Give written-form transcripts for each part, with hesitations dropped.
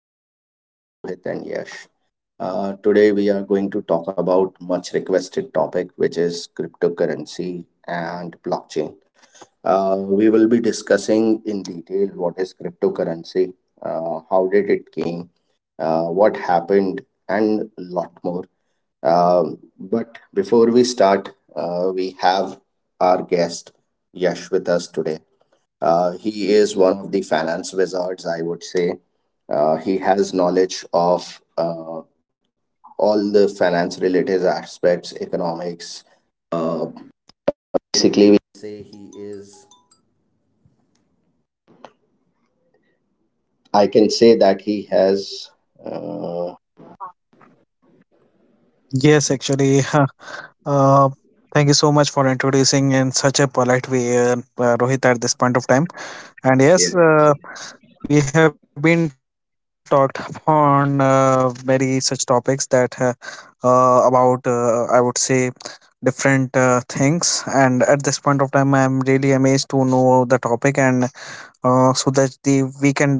Podcast with Rohit and Yash. Today, we are going to talk about much requested topic, which is cryptocurrency and blockchain. We will be discussing in detail what is cryptocurrency, how did it came, what happened, and a lot more. But before we start, we have our guest Yash with us today. He is one of the finance wizards, I would say. He has knowledge of all the finance related aspects, economics, Yes, actually, uh, thank you so much for introducing in such a polite way, Rohit, at this point of time. And Yeah, yes, we have been talked upon many such topics that about I would say different things. And at this point of time, I'm really amazed to know the topic, and so that the we can dive into the uh,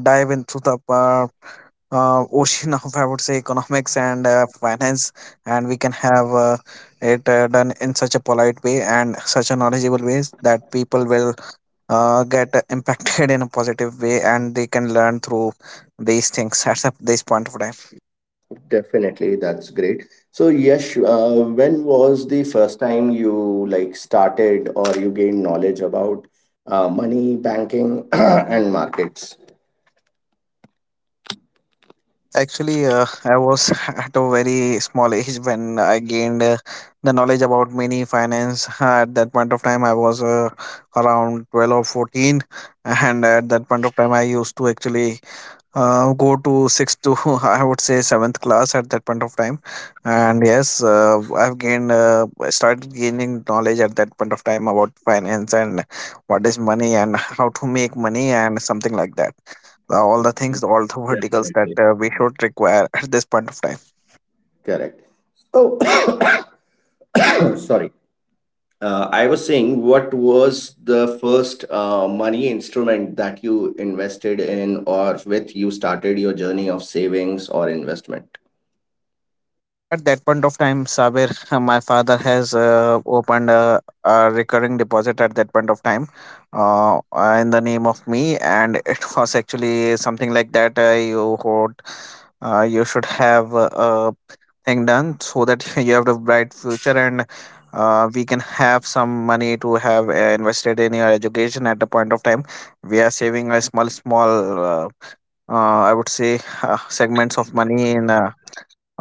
uh, ocean of I would say economics and finance, and we can have it done in such a polite way and such a knowledgeable ways that people will get impacted in a positive way, and they can learn through these things at this point of time. definitely. That's great. So, Yash, when was the first time you like started or you gained knowledge about money, banking, and markets? Actually, I was at a very small age when I gained the knowledge about many finance. At that point of time, I was around 12 or 14, and at that point of time I used to actually go to sixth to I would say seventh class at that point of time, and yes, I started gaining knowledge at that point of time about finance and what is money and how to make money and something like that. All the Okay. things, all the verticals that Definitely. We should require at this point of time. Correct. Oh, sorry. I was saying, what was the first money instrument that you invested in or with you started your journey of savings or investment? At that point of time, Sabir, my father has opened a recurring deposit at that point of time uh, in the name of me. And it was actually something like that. You should have a thing done so that you have a bright future and we can have some money to have invested in your education at the point of time. We are saving a small, small, uh, I would say, segments of money uh,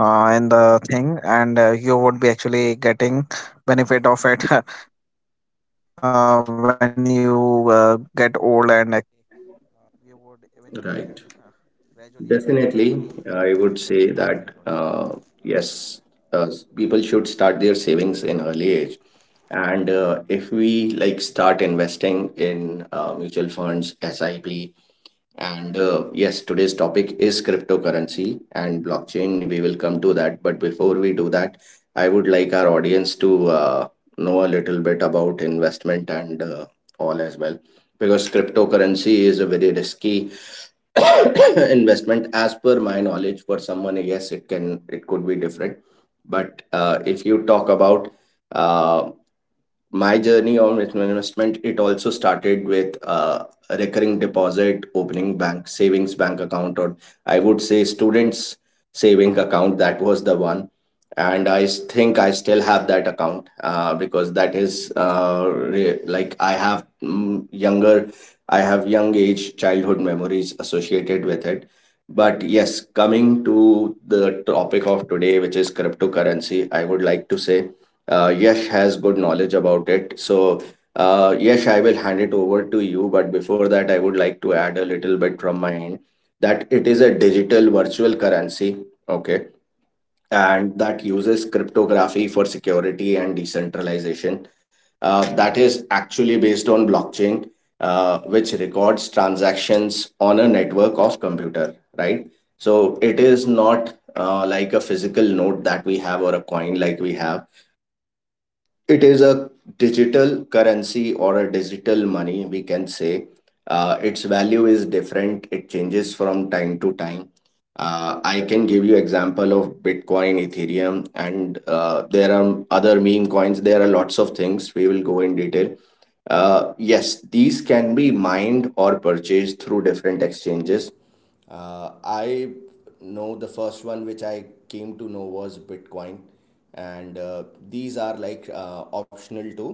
uh, in the thing and you would be actually getting benefit of it when you get old and Right. Definitely, I would say that yes, uh, people should start their savings in early age. And if we like start investing in mutual funds, SIP, and yes, today's topic is cryptocurrency and blockchain. We will come to that. But before we do that, I would like our audience to know a little bit about investment and all as well, because cryptocurrency is a very risky investment as per my knowledge. For someone, yes, it could be different. But if you talk about uh, my journey on investment, it also started with a recurring deposit, opening bank savings bank account, or I would say students saving account. That was the one, and think I still have that account, because that is like I have young age childhood memories associated with it. But yes, coming to the topic of today, which is cryptocurrency, I would like to say Yash has good knowledge about it. So, Yash, I will hand it over to you. But before that, I would like to add a little bit from my end that it is a digital virtual currency. Okay. And that uses cryptography for security and decentralization. That is actually based on blockchain, which records transactions on a network of computer, right? So it is not like a physical note that we have, or a coin like we have. It is a digital currency or a digital money, we can say. Its value is different, it changes from time to time. I can give you example of Bitcoin, Ethereum, and there are other meme coins, there are lots of things, we will go in detail. Yes, these can be mined or purchased through different exchanges. I know the first one which I came to know was Bitcoin, and these are like optional to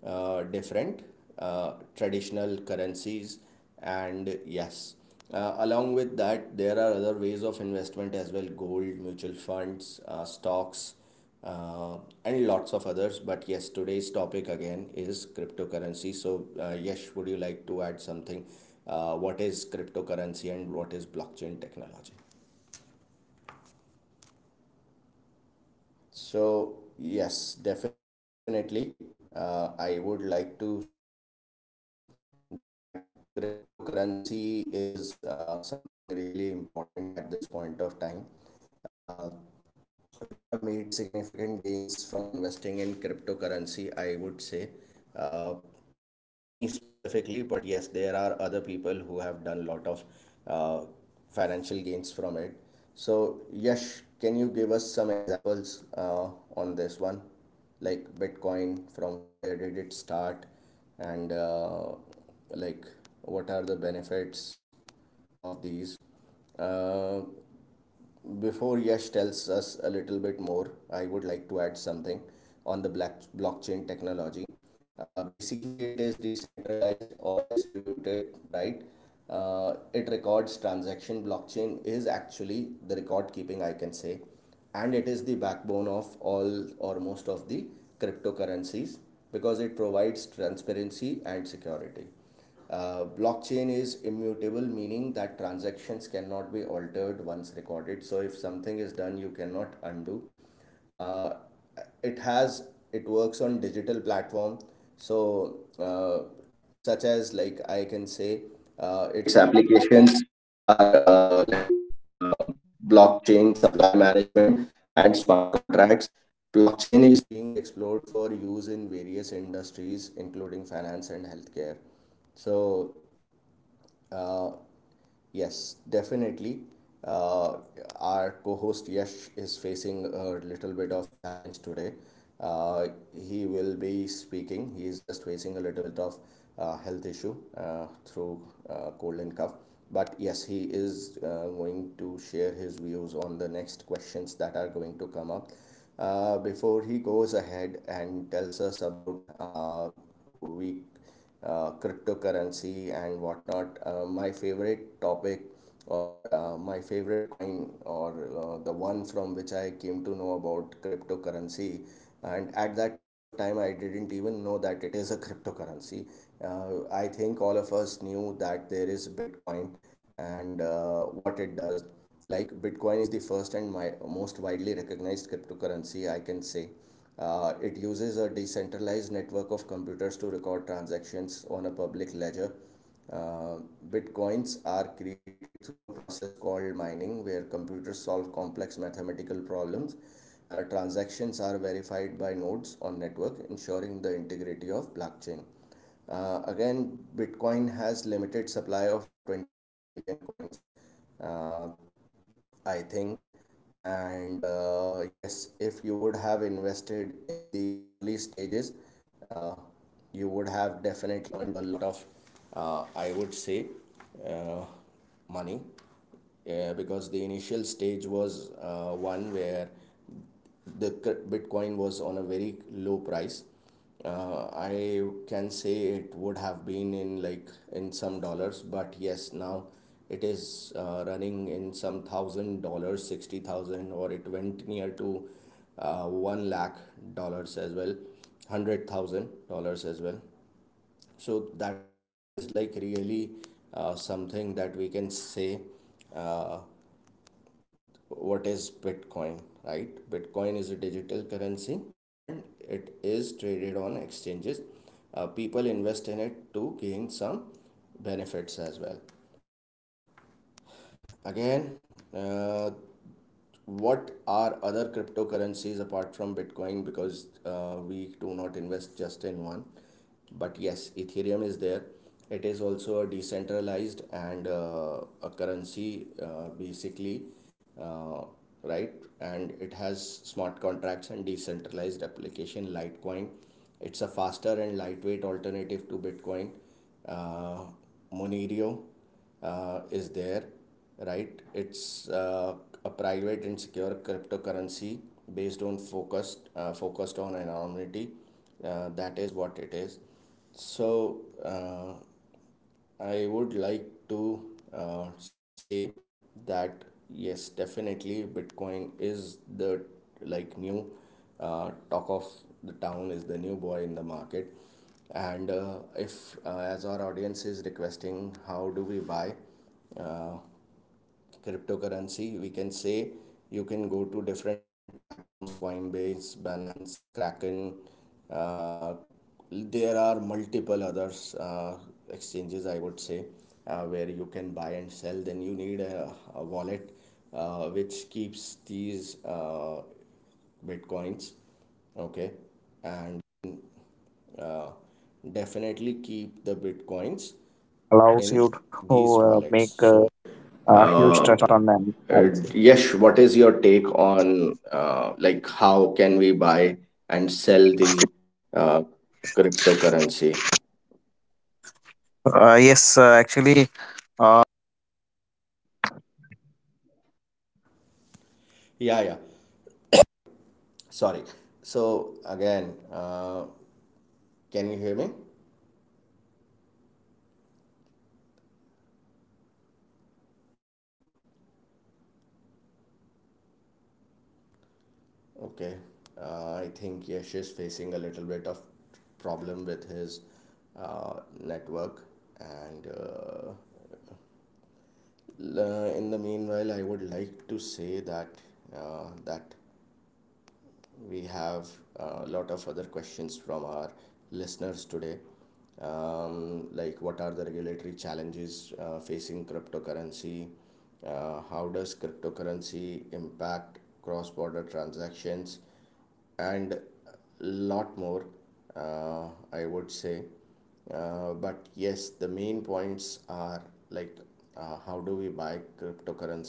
different uh, traditional currencies, and yes. Along with that, there are other ways of investment as well: gold, mutual funds, stocks, uh, and lots of others. But yes, today's topic again is cryptocurrency. So, Yash, would you like to add something? What is cryptocurrency and what is blockchain technology? So, yes, definitely. I would like to say that cryptocurrency is something really important at this point of time. Uh, we have made significant gains from investing in cryptocurrency, I would say. Uh, Not me specifically, but yes, there are other people who have done a lot of uh, financial gains from it. So, Yash, can you give us some examples on this one? Like Bitcoin, from where did it start? And like, what are the benefits of these? Uh, Before Yash tells us a little bit more, I would like to add something on the black blockchain technology. Basically, it is decentralized or distributed, right? It records transaction. Blockchain is actually the record keeping, I can say, and it is the backbone of all or most of the cryptocurrencies because it provides transparency and security. Blockchain is immutable, meaning that transactions cannot be altered once recorded. So if something is done, you cannot undo. Uh, it has it works on digital platform. So uh, such as, like I can say, its applications are like uh, blockchain supply management and smart contracts. Blockchain is being explored for use in various industries, including finance and healthcare. So, uh, yes, definitely. Uh, our co-host Yash is facing a little bit of challenge today. Uh, he will be speaking. He is just facing a little bit of health issue through cold and cough. But yes, he is going to share his views on the next questions that are going to come up before he goes ahead and tells us about we cryptocurrency and whatnot. My favorite topic, or my favorite coin, or the one from which I came to know about cryptocurrency. And at that point of time, I didn't even know that it is a cryptocurrency. I think all of us knew that there is Bitcoin, and what it does. Like Bitcoin is the first and my most widely recognized cryptocurrency, I can say. It uses a decentralized network of computers to record transactions on a public ledger. Uh, Bitcoins are created through a process called mining, where computers solve complex mathematical problems. Transactions are verified by nodes on network, ensuring the integrity of blockchain. Again, Bitcoin has limited supply of 21 million coins. Uh, I think. And yes, if you would have invested in the early stages, uh, you would have definitely a lot of, I would say, uh, money. Yeah, because the initial stage was one where the Bitcoin was on a very low price. I can say it would have been in like in some dollars, but yes, now it is running in some thousand dollars, 60,000, or it went near to 1 lakh dollars as well, $100,000 as well. So that is like really something that we can say. uh, what is Bitcoin, right? Bitcoin is a digital currency and it is traded on exchanges. People invest in it to gain some benefits as well. Again, uh, what are other cryptocurrencies apart from Bitcoin? Because we do not invest just in one, but yes, Ethereum is there, it is also a decentralized and a currency, basically, uh, right. And it has smart contracts and decentralized application. Litecoin, it's a faster and lightweight alternative to Bitcoin. uh, Monero is there, right, it's a private and secure cryptocurrency based on focused on anonymity. uh, that is what it is. So, uh, I would like to say that yes, definitely Bitcoin is the like new, talk of the town, is the new boy in the market. And if, uh, as our audience is requesting, how do we buy? Uh, Cryptocurrency, we can say, you can go to different platforms: Coinbase, Binance, Kraken, uh, there are multiple others, exchanges, I would say, where you can buy and sell. Then you need a wallet, which keeps these bitcoins. Okay. And uh, definitely keep the bitcoins in these wallets. So uh, uh, Yash, what is your take on, like, how can we buy and sell the uh, cryptocurrency? Yes. Yeah, yeah. Sorry. So again, uh, can you hear me? Okay. I think Yash is facing a little bit of problem with his uh, network, and in the meanwhile, I would like to say that we have a lot of other questions from our listeners today. Like, what are the regulatory challenges facing cryptocurrency? How does cryptocurrency impact cross border transactions? And lot more, uh, I would say, but yes, the main points are, like how do we buy cryptocurrency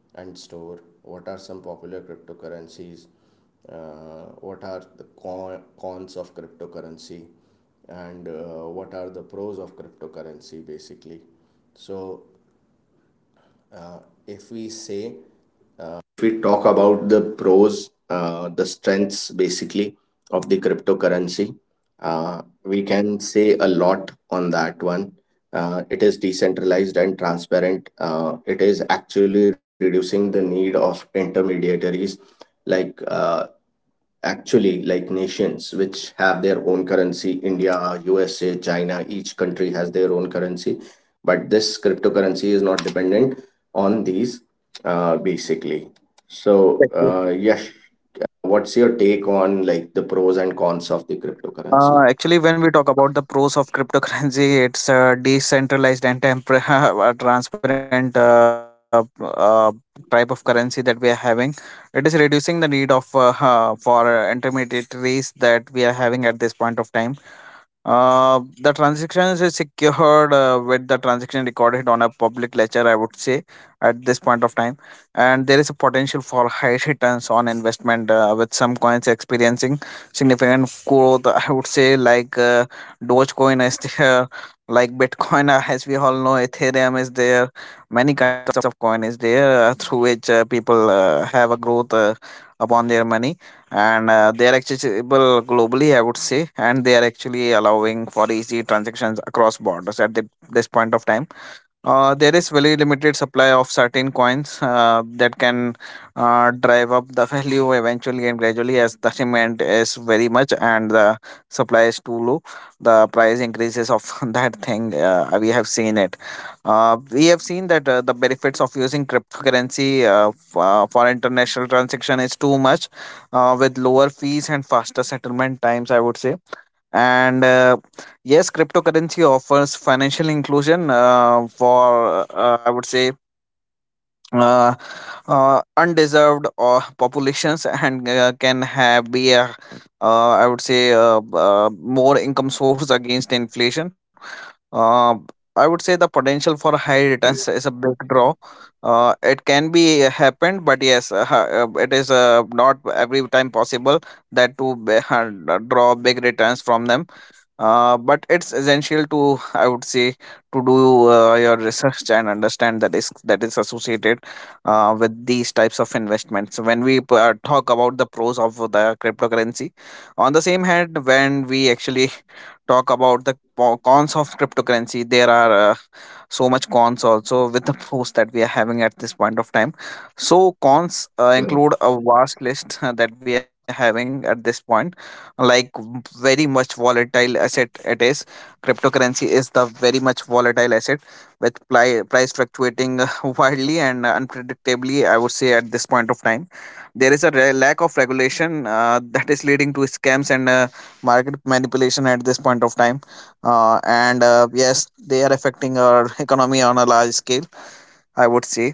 and store, what are some popular cryptocurrencies, uh, what are the cons of cryptocurrency, and what are the pros of cryptocurrency, basically. So, uh, if we say if we talk about the pros, the strengths basically of the cryptocurrency, we can say a lot on that one. It is decentralized and transparent. It is actually reducing the need of intermediaries, like actually like nations which have their own currency: India, USA, China, each has their own currency. But this cryptocurrency is not dependent on these, basically. So, Definitely. Yash, what's your take on, like, the pros and cons of the cryptocurrency? Actually, when we talk about the pros of cryptocurrency, it's a decentralized and temper- a transparent type of currency that we are having. It is reducing the need of for intermediaries that we are having at this point of time. The transactions is secured with the transaction recorded on a public ledger, I would say, at this point. And there is a potential for high returns on investment with some coins experiencing significant growth. I would say, like Dogecoin is there, like Bitcoin, as we all know, Ethereum is there, many kinds of coin is there through which people have a growth upon their money, and they are accessible globally, I would say, and they are actually allowing for easy transactions across borders at this point of time. There is very limited supply of certain coins that can drive up the value eventually and gradually. As the demand is very much and the supply is too low, the price increases of that thing. We have seen it. We have seen that the benefits of using cryptocurrency for international transaction is too much, with lower fees and faster settlement times, I would say. And yes, cryptocurrency offers financial inclusion for I would say uh, undeserved populations, and can have be a, I would say, more income source against inflation. uh, I would say the Right. potential for high returns is a big draw. It can be happened, but yes, it is not every time possible that to be, draw big returns from them. But it's essential to, I would say, to do your research and understand the risk that is associated with these types of investments when we talk about the pros of the cryptocurrency. On the same hand, when we actually talk about the cons of cryptocurrency, there are so much cons also with the pros that we are having at this point of time. So cons Correct. include a vast list that we are having at this point, like, very much volatile asset it is. Cryptocurrency is the very much volatile asset with price fluctuating wildly and unpredictably, I would say, at this point of time. Is a lack of regulation that is leading to scams and market manipulation at this point of time. And Yes, they are affecting our economy on a large scale, I would say.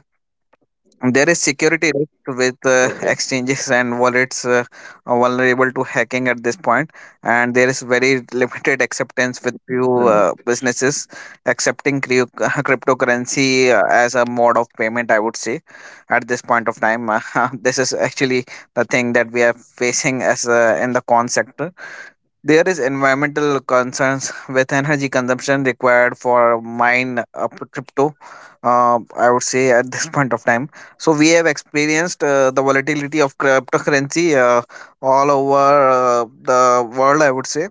There is security Okay. risk with exchanges and wallets are vulnerable to hacking at this point, and there is very limited Right. acceptance with few businesses accepting cryp- cryptocurrency as a mode of payment. I would say at this point of time, this is actually the thing that we are facing as in the con sector. There is environmental concerns with energy consumption required for mine up crypto. I would say at this point of time. So we have experienced the volatility of cryptocurrency all over the world, I would say,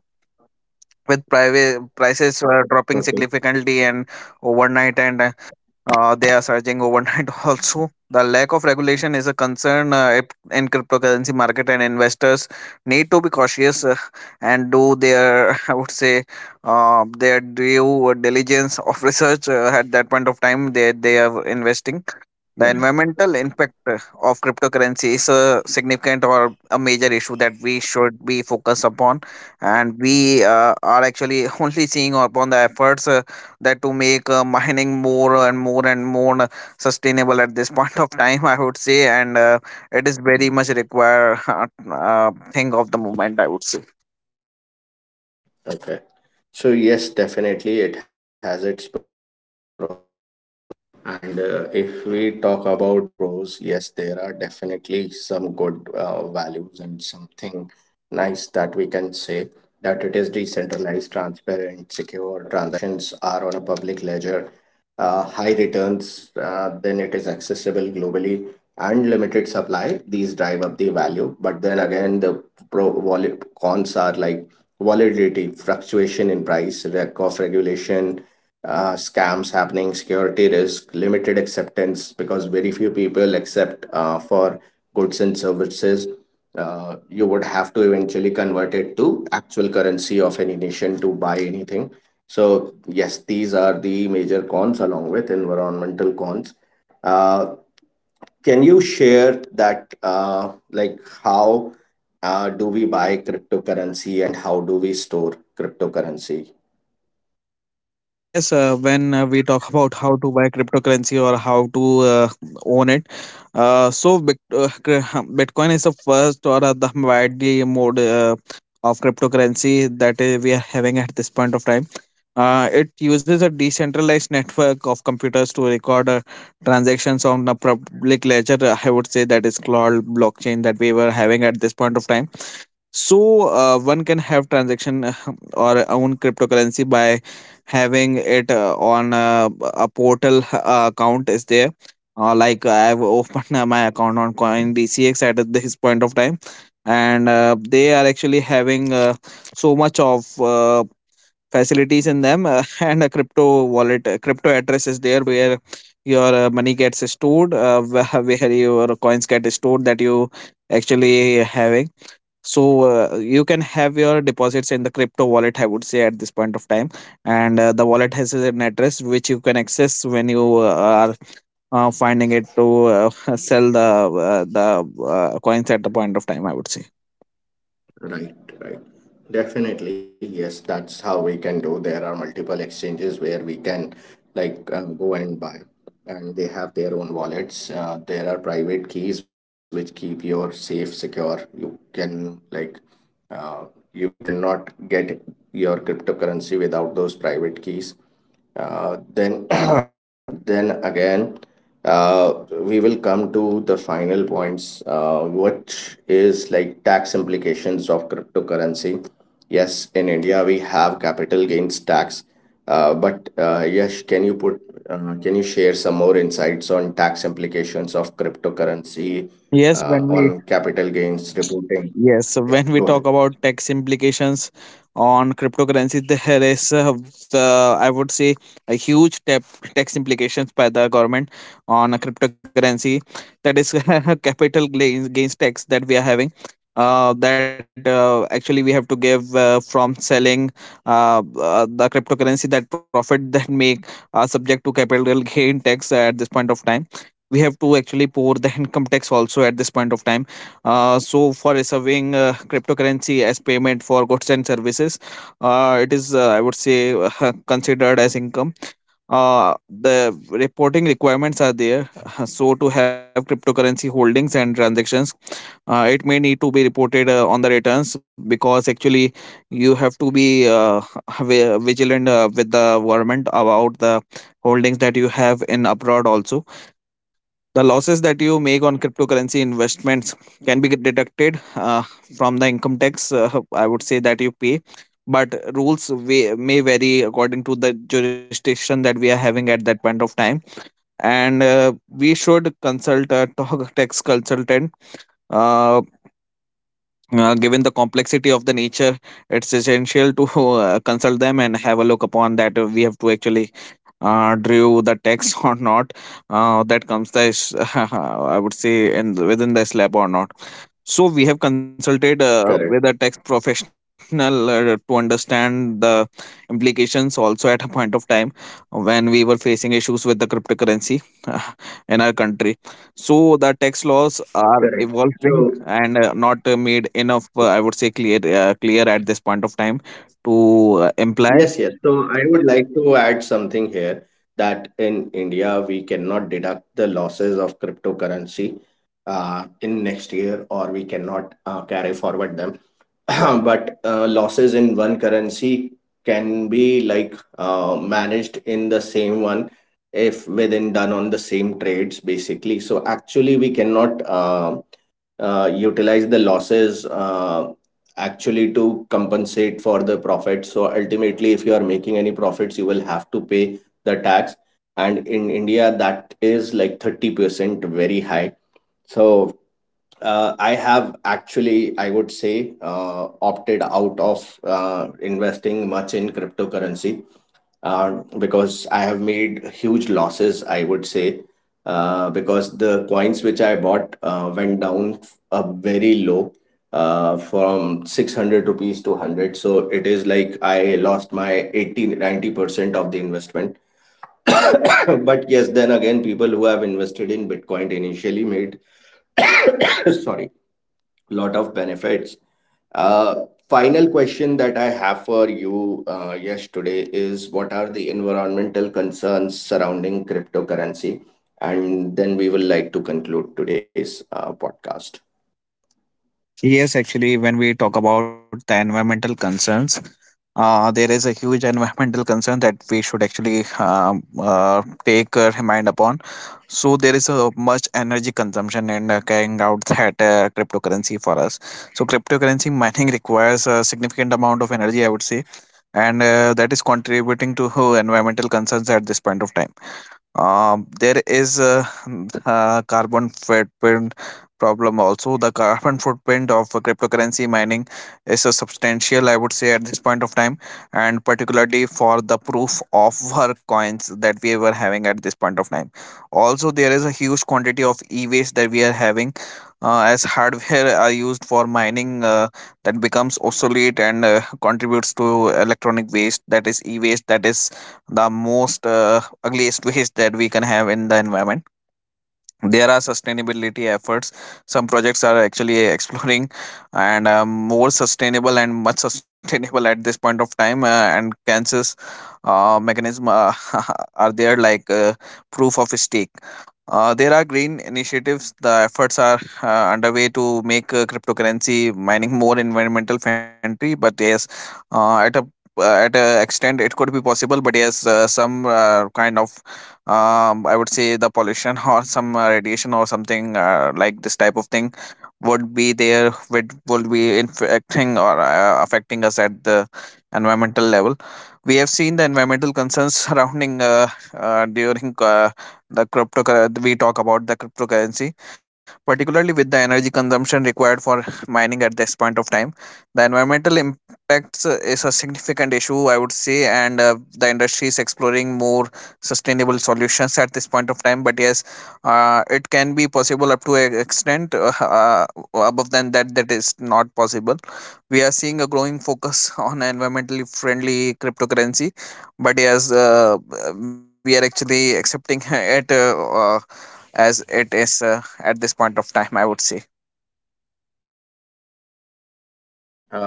with private prices Okay. dropping significantly and overnight, and they are surging overnight also. The lack of regulation is a concern in cryptocurrency market, and investors need to be cautious and do their, I would say, their due diligence of research at that point of time they are investing. The environmental impact of cryptocurrency is a significant or a major issue that we should be focused upon, and we are actually only seeing upon the efforts that to make mining more and more and more sustainable at this point of time, I would say. And it is very much require thing of the moment, I would say. Okay. So yes, definitely it has its pros. And if we talk about pros, yes, there are definitely some good values and something nice that we can say, that it is decentralized, transparent, secure, transactions are on a public ledger, high returns, then it is accessible globally and limited supply. These drive up the value. But then again, the pro vol cons are like volatility, fluctuation in price, lack of regulation, scams happening, security risk, limited acceptance because very few people accept for goods and services. You would have to eventually convert it to currency of any nation to buy anything. So, yes, these are the major cons along with environmental cons. Uh, can you share that, how do we buy cryptocurrency and how do we store cryptocurrency? Yes, when we talk about how to buy cryptocurrency or how to own it, so Bitcoin is the first or the widely mode of cryptocurrency that we are having at this point of time. It uses a decentralized network of computers to record transactions on a public ledger. I would say that is called blockchain that we were having at this point of time. So one can have transaction or own cryptocurrency by having it on a portal account is there, like I've opened my account on CoinDCX at this point of time, and they are actually having so much of facilities in them, and a crypto wallet, a crypto address is there where your money gets stored, where your coins get stored that you actually having. So you can have your deposits in the crypto wallet, I would say, at this point of time, and the wallet has an address which you can access when you are finding it to sell the coins at the point of time, I would say. Right, right. Definitely, yes, that's how we can do. There are multiple exchanges where we can, go and buy, and they have their own wallets. There are private keys which keep your safe secure. You can, like, uh, you cannot get your cryptocurrency without those private keys. Then, then again, uh, we will come to the final points, which is like tax implications of cryptocurrency. Yes, in India we have capital gains tax, but Yash, can you put, can you share some more insights on tax implications of cryptocurrency, yes when we on capital gains reporting? Yes, so when Yeah, we go talk ahead. about tax implications on cryptocurrencies, there is, the, I would say, a tax implications by the government on a cryptocurrency. That is a gains tax that we are having. That actually, we have to give from selling the cryptocurrency. That profit that make are subject to capital gain tax at this point of time. We have to actually pour the income tax also at this point of time. So for receiving cryptocurrency as payment for goods and services, it is, I would say, considered as income. The reporting requirements are there. So to have cryptocurrency holdings and transactions, it may need to be reported on the returns, because actually you have to be vigilant with the government about the holdings that you have in abroad also. The losses that you make on cryptocurrency investments can be get deducted from the income tax, I would say, that you pay. But rules may vary according to the jurisdiction that we are having at that point of time. And we should consult a tax consultant. Uh, Given the complexity of the nature, it's essential to consult them and have a look upon that. We have to actually drew the text or not, that comes the s- I would say in within the slab or not. So we have consulted Correct, with a tax professional to understand the implications also at a point of time when we were facing issues with the cryptocurrency in our country. So the tax laws are correct. So evolving and not made enough, I would say, clear at this point of time to imply. yes, yes. So I would like to add something here that in India, we cannot deduct the losses of cryptocurrency in next year, or we cannot carry forward them. But losses in one currency can be, like, managed in the same one if within done on the same trades basically. So actually we cannot utilize the losses, actually, to compensate for the profits. So ultimately if you are making any profits you will have to pay the tax, and in india that 30% very high. So I have actually, I would say, opted out of investing much in cryptocurrency, uh, because I have made huge losses, I would say, because the coins which I bought went down a very low, from 600 rupees to 100. So it is like I lost my 80 90% of the investment. But yes, then again, people who have invested in Bitcoin initially made, sorry, lot of benefits. Uh, final question that I have for you, Yash, today is: what are the environmental concerns surrounding cryptocurrency? And then we will like to conclude today's podcast. Yes, actually, when we talk about the environmental concerns, there is a huge environmental concern that we should actually take remind upon. So there is a much energy consumption in carrying out that cryptocurrency for us. So cryptocurrency mining requires significant amount of energy, I would say, and that is contributing to environmental concerns at this point of time. There is a, carbon footprint problem also. The carbon footprint of a cryptocurrency mining is a substantial, I would say, at this point of time, and particularly for the proof of work coins that we were having at this point of time. Also, there is a huge quantity of e-waste that we are having. As hardware are used for mining that becomes obsolete and contributes to electronic waste, that is e-waste, that is the most ugliest waste that we can have in the environment. There are sustainability efforts. Some projects are actually exploring and more sustainable and much sustainable at this point of time. And Kansas mechanism are there, like proof of stake. There are green initiatives. The efforts are underway to make cryptocurrency mining more environmental friendly. But yes, uh, at a at a extent, it could be possible. But yes, some kind of I would say the pollution or some radiation or something like this type of thing would be there, which would be infecting or affecting us at the environmental level. We have seen the environmental concerns surrounding during the crypto we talk about the cryptocurrency, particularly with the energy consumption required for mining at this point of time. The environmental impacts is a significant issue, I would say, and the industry is exploring more sustainable solutions at this point of time. But yes, it can be possible up to an extent. Above than that, that is not possible. We are seeing a growing focus on environmentally friendly cryptocurrency, but yes, we are actually accepting it, uh, as it is, at this point of time, I would say.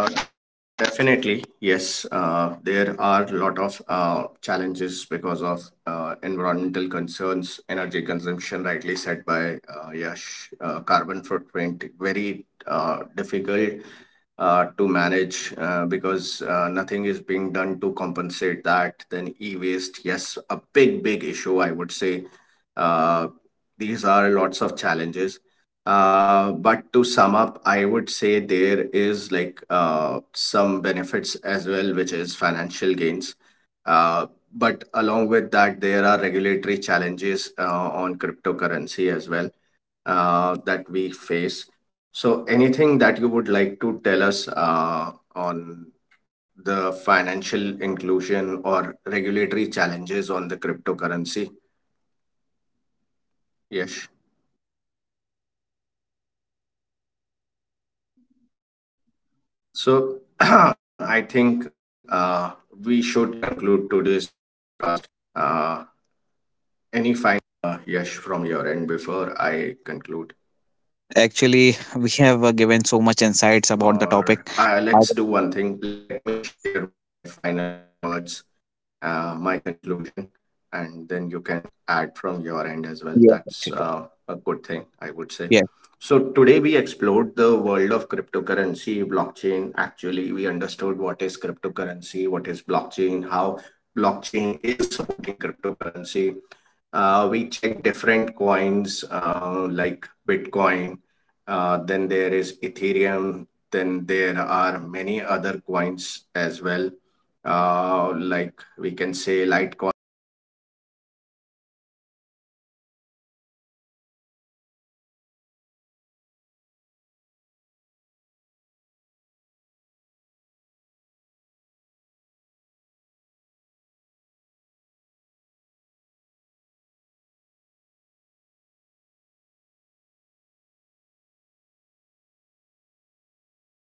Definitely, yes. There are a lot of challenges because of environmental concerns, energy consumption, rightly said by, Yash, carbon footprint, very difficult to manage, because nothing is being done to compensate that. Then e-waste, yes, a big, big issue, I would say. Uh, these are lots of challenges. But to sum up, I would say there is, like, some benefits as well, which is financial gains. Uh, but along with that, there are regulatory challenges on cryptocurrency as well, that we face. So, anything that you would like to tell us on the financial inclusion or regulatory challenges on the cryptocurrency? Yes. So I think we should conclude today's podcast. Uh, any final, Yash, from your end before I conclude? Actually, we have given so much Or insights about the let's do topic. one thing. I- Let me share my final words, my conclusion, and then you can add from your end as well. That's a yeah, good thing, actually. I would say. So, today we explored the world of cryptocurrency, blockchain. Actually, we understood what is cryptocurrency, what is blockchain, how blockchain is supporting cryptocurrency. We checked different coins like Bitcoin, then there is Ethereum, then there are many other coins as well, like, we can say, Litecoin, Monero, Cardano, Dogecoin. There are many other coins that we looked into. Basically, we understood its pros and cons as well. It was really interesting. If you ask what is my final take before Yash gives his final words, I would like to say that from my perspective, if you are living in India, you should avoid. that's per-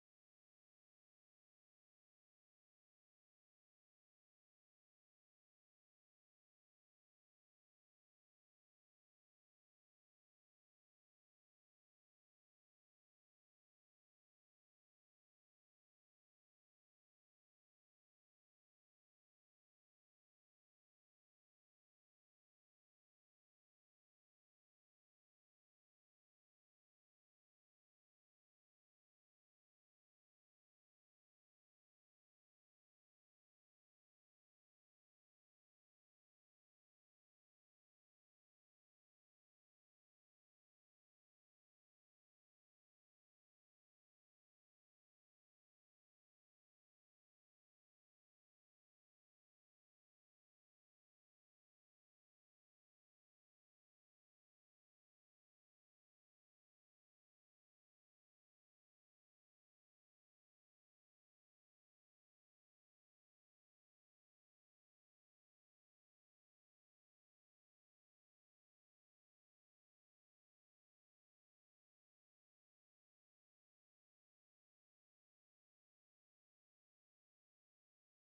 specifically my personal view. It's not a financial advice. I would like to give a disclaimer that you should check with your financial consultant and take your own decisions, take advice, make your own decisions. We are not giving any financial advice. So, this is only my personal view, because 30% tax is something very high that we cannot. But if you're still interested and you think you can do good trading or investment, I would suggest, again, it is my personal opinion, you can work from dubai because there is tax free, status there. You will not be paying taxes on profits or business, so that can help you. But again, living cost is quite high there, so it's completely your own choice. Take proper decisions before you do anything. So yes, today's podcast was really interesting and it was really amazing, uh, and that's all I would like to say. Uh, any final words from your end, Yash? I think, yeah, we are facing a little bit of challenge today, uh, but we would like to conclude.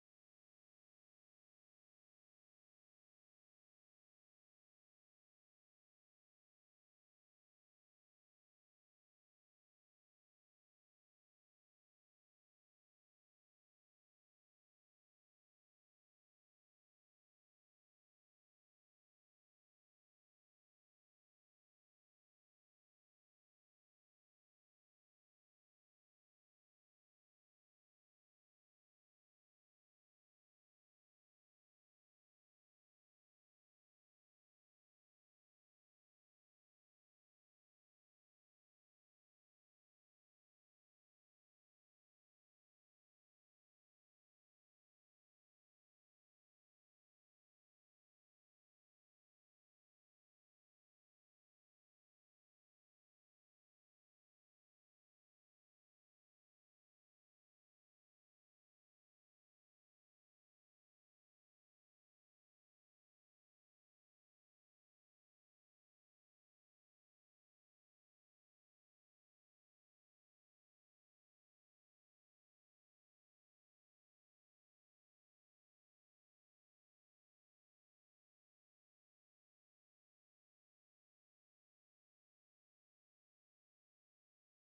We have been doing great talks with Yash and, trying to share different views, insights, very valuable insights. I believe it might be useful to all the beginners, to listeners that we have from our podcast. And it was really great talking to Yash as well today with his real life experiences, sharing his valuable insights.